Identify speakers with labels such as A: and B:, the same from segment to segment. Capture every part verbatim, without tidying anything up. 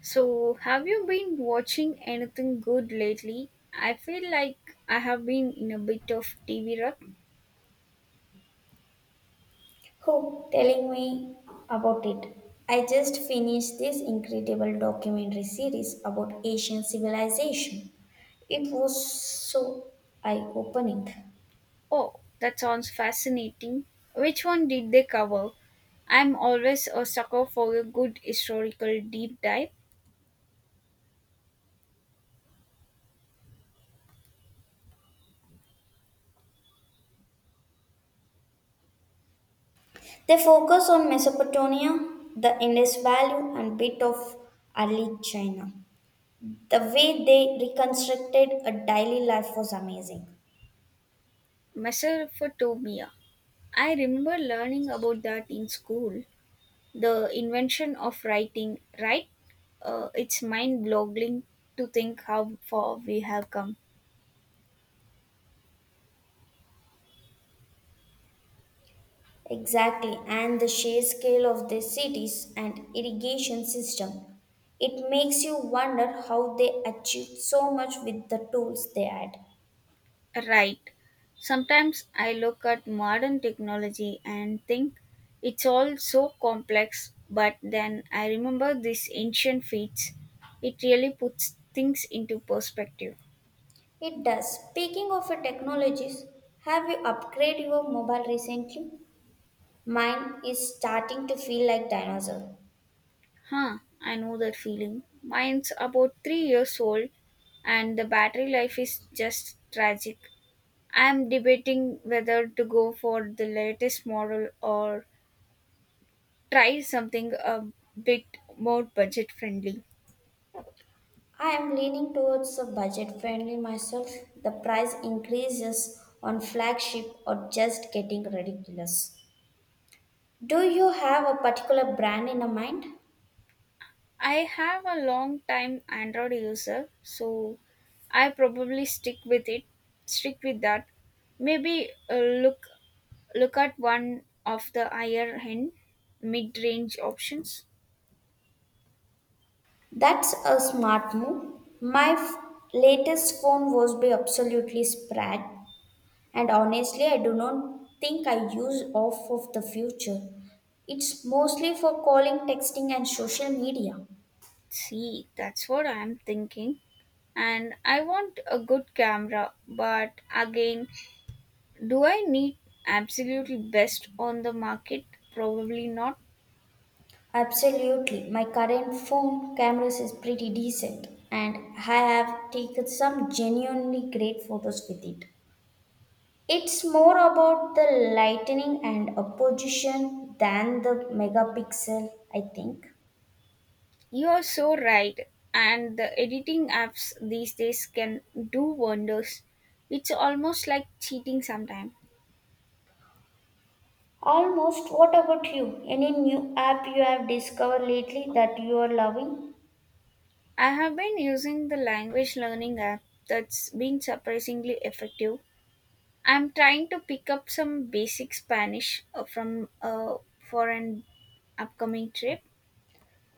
A: So, have you been watching anything good lately? I feel like I have been in a bit of T V rut.
B: Who telling me about it? I just finished this incredible documentary series about Asian civilization. It was so eye-opening.
A: Oh, that sounds fascinating. Which one did they cover? I'm always a sucker for a good historical deep dive.
B: They focus on Mesopotamia, the Indus Valley, and bit of early China. The way they reconstructed a daily life was amazing.
A: Mesopotamia. I remember learning about that in school. The invention of writing, right? Uh, it's mind-boggling to think how far we have come.
B: Exactly, and the sheer scale of the cities and irrigation system. It makes you wonder how they achieved so much with the tools they had.
A: Right. Sometimes I look at modern technology and think it's all so complex, but then I remember these ancient feats. It really puts things into perspective.
B: It does. Speaking of your technologies, have you upgraded your mobile recently? Mine is starting to feel like dinosaur.
A: Huh, I know that feeling. Mine's about three years old, and the battery life is just tragic. I'm debating whether to go for the latest model or try something a bit more budget friendly.
B: I am leaning towards a budget friendly myself. The price increases on flagship are just getting ridiculous. Do you have a particular brand in a mind?
A: I have a long time Android user, so I probably stick with it. Stick with that. Maybe uh, look look at one of the higher end mid range options.
B: That's a smart move. My f- latest phone was by absolutely sprat, and honestly, I do not think I use off of the future. It's mostly for calling, texting, and social media.
A: See, that's what I'm thinking. And I want a good camera, but again, do I need absolutely best on the market? Probably not.
B: Absolutely, my current phone cameras is pretty decent, and I have taken some genuinely great photos with it. It's more about the lightning and a position than the megapixel, I think.
A: You're so right, and the editing apps these days can do wonders. It's almost like cheating sometimes.
B: Almost. What about you? Any new app you have discovered lately that you are loving?
A: I have been using the language learning app that's been surprisingly effective. I'm trying to pick up some basic Spanish uh, from uh, for an upcoming trip.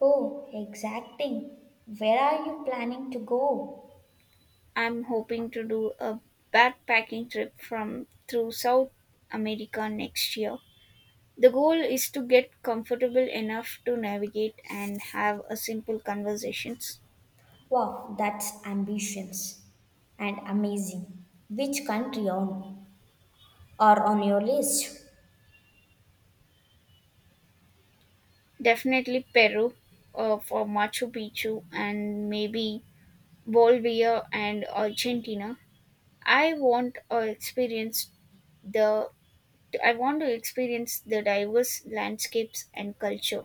B: Oh, exacting. Where are you planning to go?
A: I'm hoping to do a backpacking trip from through South America next year. The goal is to get comfortable enough to navigate and have a simple conversations.
B: Wow, that's ambitions and amazing. Which country on are on your list?
A: Definitely Peru uh, for Machu Picchu and maybe Bolivia and Argentina. I want uh, experience the I want to experience the diverse landscapes and culture.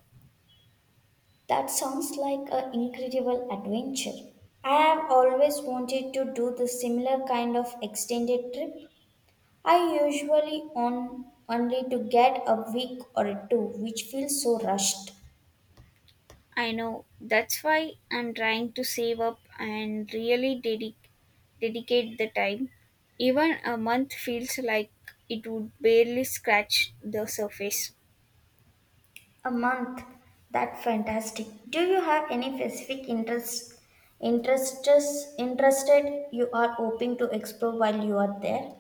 B: That sounds like an incredible adventure. I have always wanted to do the similar kind of extended trip. I usually on only to get a week or two, which feels so rushed.
A: I know that's why I'm trying to save up and really dedic- dedicate the time. Even a month feels like it would barely scratch the surface.
B: A month. That's fantastic. Do you have any specific interests interests interested you are hoping to explore while you are there?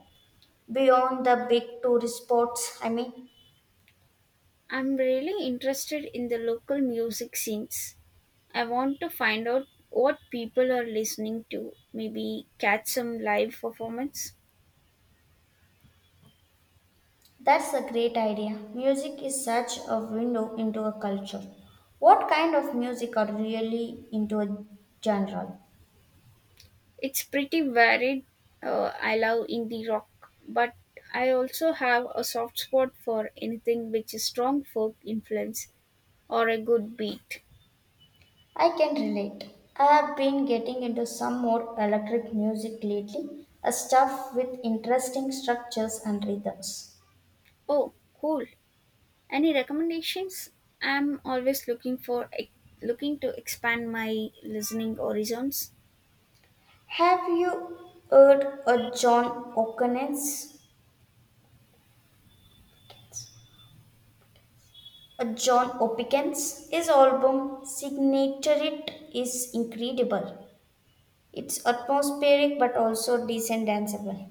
B: Beyond the big tourist spots, I mean.
A: I'm really interested in the local music scenes. I want to find out what people are listening to, maybe catch some live performance.
B: That's a great idea. Music is such a window into a culture. What kind of music are really into a genre?
A: It's pretty varied. Uh, I love indie rock, but I also have a soft spot for anything which is strong folk influence or a good beat.
B: I can relate. I have been getting into some more electric music lately, a stuff with interesting structures and rhythms.
A: Oh, cool. Any recommendations? I'm always looking for looking to expand my listening horizons.
B: Have you heard of John O'Connell's? A John Opicans? His album signature is incredible. It's atmospheric but also decent danceable.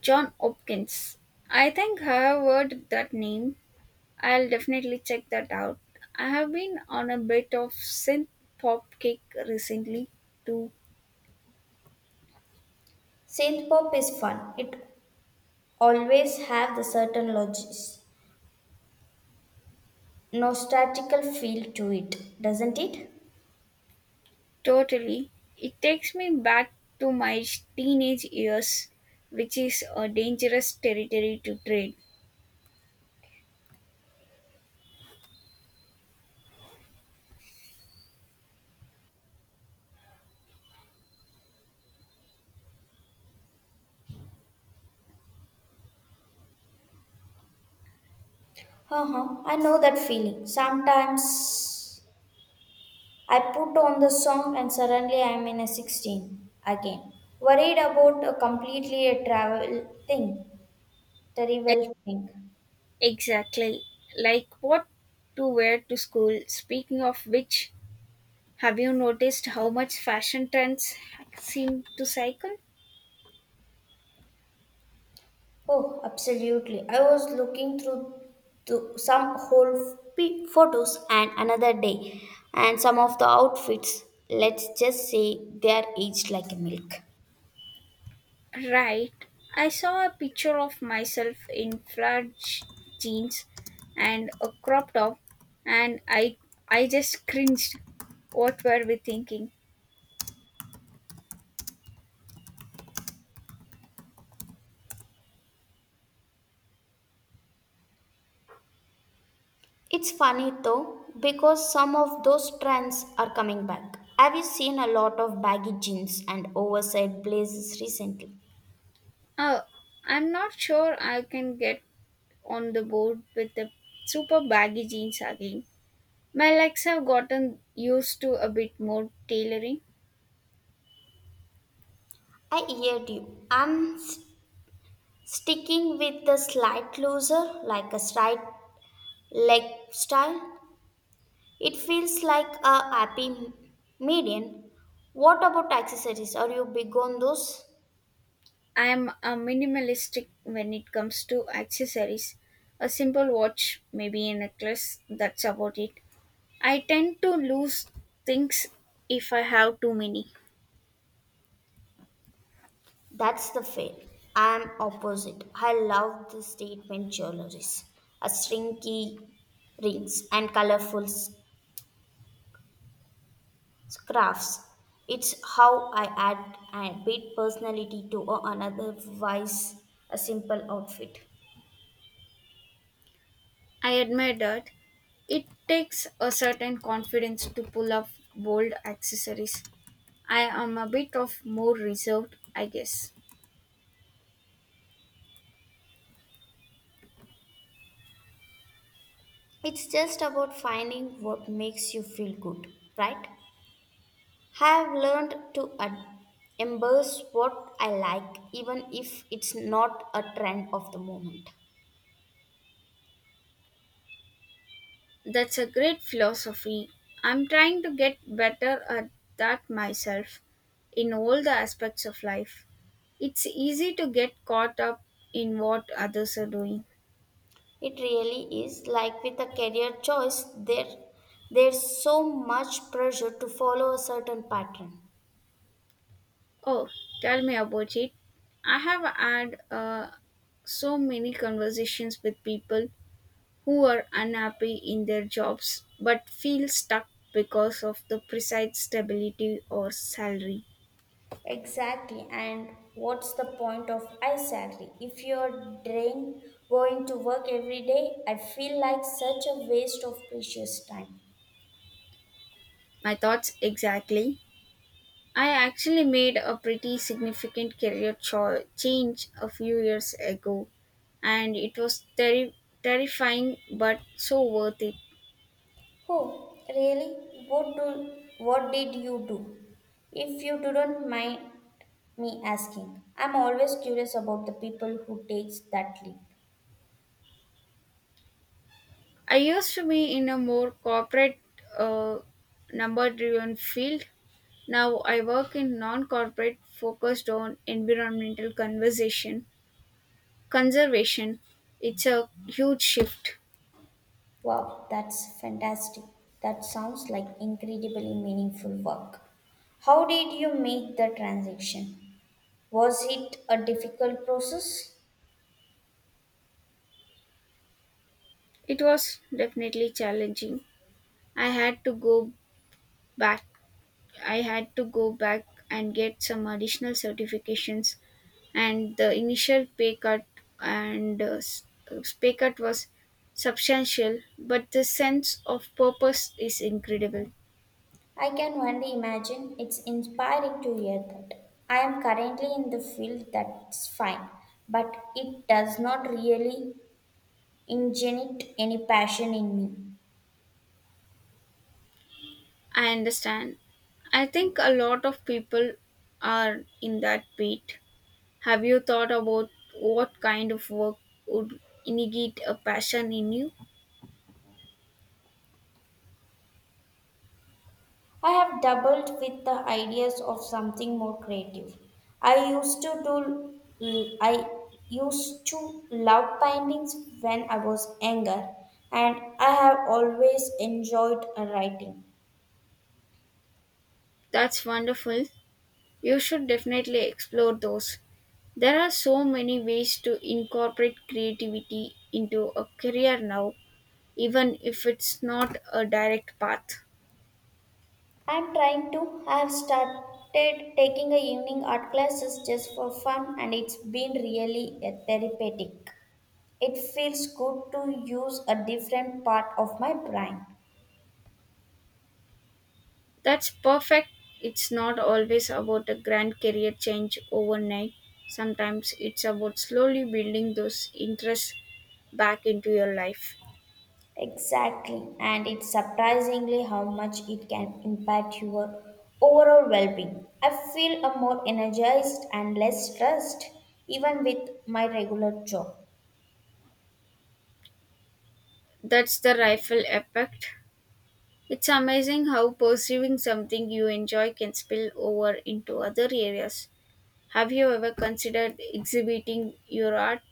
A: John Hopkins. I think I have heard that name. I'll definitely check that out. I have been on a bit of synth pop kick recently, too.
B: Synth pop is fun. It always have the certain logis, nostalgical feel to it, doesn't it?
A: Totally. It takes me back to my teenage years, which is a dangerous territory to tread.
B: Uh huh. I know that feeling. Sometimes I put on the song and suddenly I'm in a sixteen again. Worried about a completely a travel thing,
A: E-
B: travel thing.
A: Exactly. Like what to wear to school. Speaking of which, have you noticed how much fashion trends seem to cycle?
B: Oh, absolutely. I was looking through to some whole p- photos and another day and some of the outfits. Let's just say they are aged like milk.
A: Right. I saw a picture of myself in flat j- jeans and a crop top and I I just cringed. What were we thinking?
B: It's funny though because some of those trends are coming back. Have you seen a lot of baggy jeans and oversized blazers recently?
A: Oh, I'm not sure I can get on the board with the super baggy jeans again. My legs have gotten used to a bit more tailoring.
B: I heard you. I'm s- sticking with the slight looser, like a slight leg style. It feels like a happy median. What about accessories? Are you big on those?
A: I'm a minimalistic when it comes to accessories. A simple watch, maybe a necklace, that's about it. I tend to lose things if I have too many.
B: That's the fail. I'm opposite. I love the statement jewelries, a stringy rings and colorful s- scarves. It's how I add a bit personality to a- an otherwise a simple outfit.
A: I admire that. It takes a certain confidence to pull off bold accessories. I am a bit of more reserved, I guess.
B: It's just about finding what makes you feel good, right? i Have learned to ad- embrace what I like, even if it's not a trend of the moment.
A: That's a great philosophy. I'm trying to get better at that myself in all the aspects of life. It's easy to get caught up in what others are doing.
B: It really is like with a career choice, there there's so much pressure to follow a certain pattern.
A: Oh, tell me about it. I have had uh, so many conversations with people who are unhappy in their jobs but feel stuck because of the precise stability or salary.
B: Exactly, and what's the point of I sadly? If you're drained going to work every day, I feel like such a waste of precious time.
A: My thoughts exactly. I actually made a pretty significant career cho- change a few years ago, and it was terri- terrifying but so worth it.
B: Oh, really? What do what did you do? If you don't mind me asking. I'm always curious about the people who takes that leap.
A: I used to be in a more corporate, uh, number driven field. Now I work in non corporate, focused on environmental conversation, conservation. It's a huge shift.
B: Wow, that's fantastic. That sounds like incredibly meaningful work. How did you make the transition? Was it a difficult process?
A: It was definitely challenging. I had to go back I had to go back and get some additional certifications, and the initial pay cut and uh, s- uh, pay cut was substantial, but the sense of purpose is incredible.
B: I can only imagine. It's inspiring to hear that. I am currently in the field that's fine, but it does not really ingenite any passion in me.
A: I understand. I think a lot of people are in that beat. Have you thought about what kind of work would ignite a passion in you?
B: I have doubled with the ideas of something more creative. I used to do I used to love paintings when I was younger and I have always enjoyed writing.
A: That's wonderful. You should definitely explore those. There are so many ways to incorporate creativity into a career now, even if it's not a direct path.
B: I'm trying to I have started taking a evening art classes just for fun and it's been really uh, therapeutic. It feels good to use a different part of my brain.
A: That's perfect. It's not always about a grand career change overnight. Sometimes it's about slowly building those interests back into your life.
B: Exactly, and it's surprisingly how much it can impact your overall well being. I feel a more energized and less stressed even with my regular job.
A: That's the rifle effect. It's amazing how pursuing something you enjoy can spill over into other areas. Have you ever considered exhibiting your art?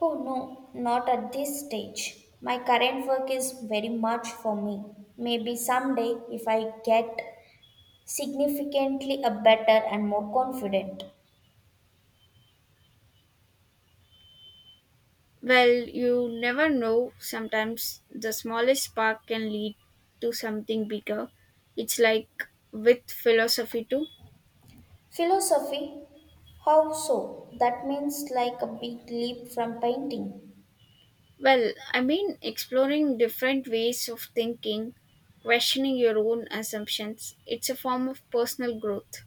B: Oh no, not at this stage. My current work is very much for me. Maybe someday, if I get significantly a better and more confident.
A: Well, you never know. Sometimes the smallest spark can lead to something bigger. It's like with philosophy too.
B: Philosophy? How so? That means like a big leap from painting.
A: Well, I mean, exploring different ways of thinking, questioning your own assumptions, it's a form of personal growth.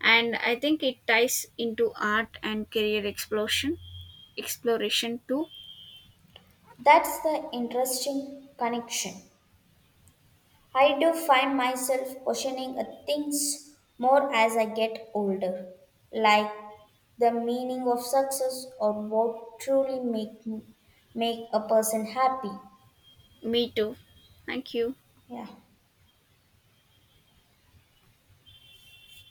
A: And I think it ties into art and career exploration, exploration too.
B: That's the interesting connection. I do find myself questioning uh, things more as I get older, like the meaning of success or what truly make make a person happy.
A: Me too. Thank you.
B: Yeah.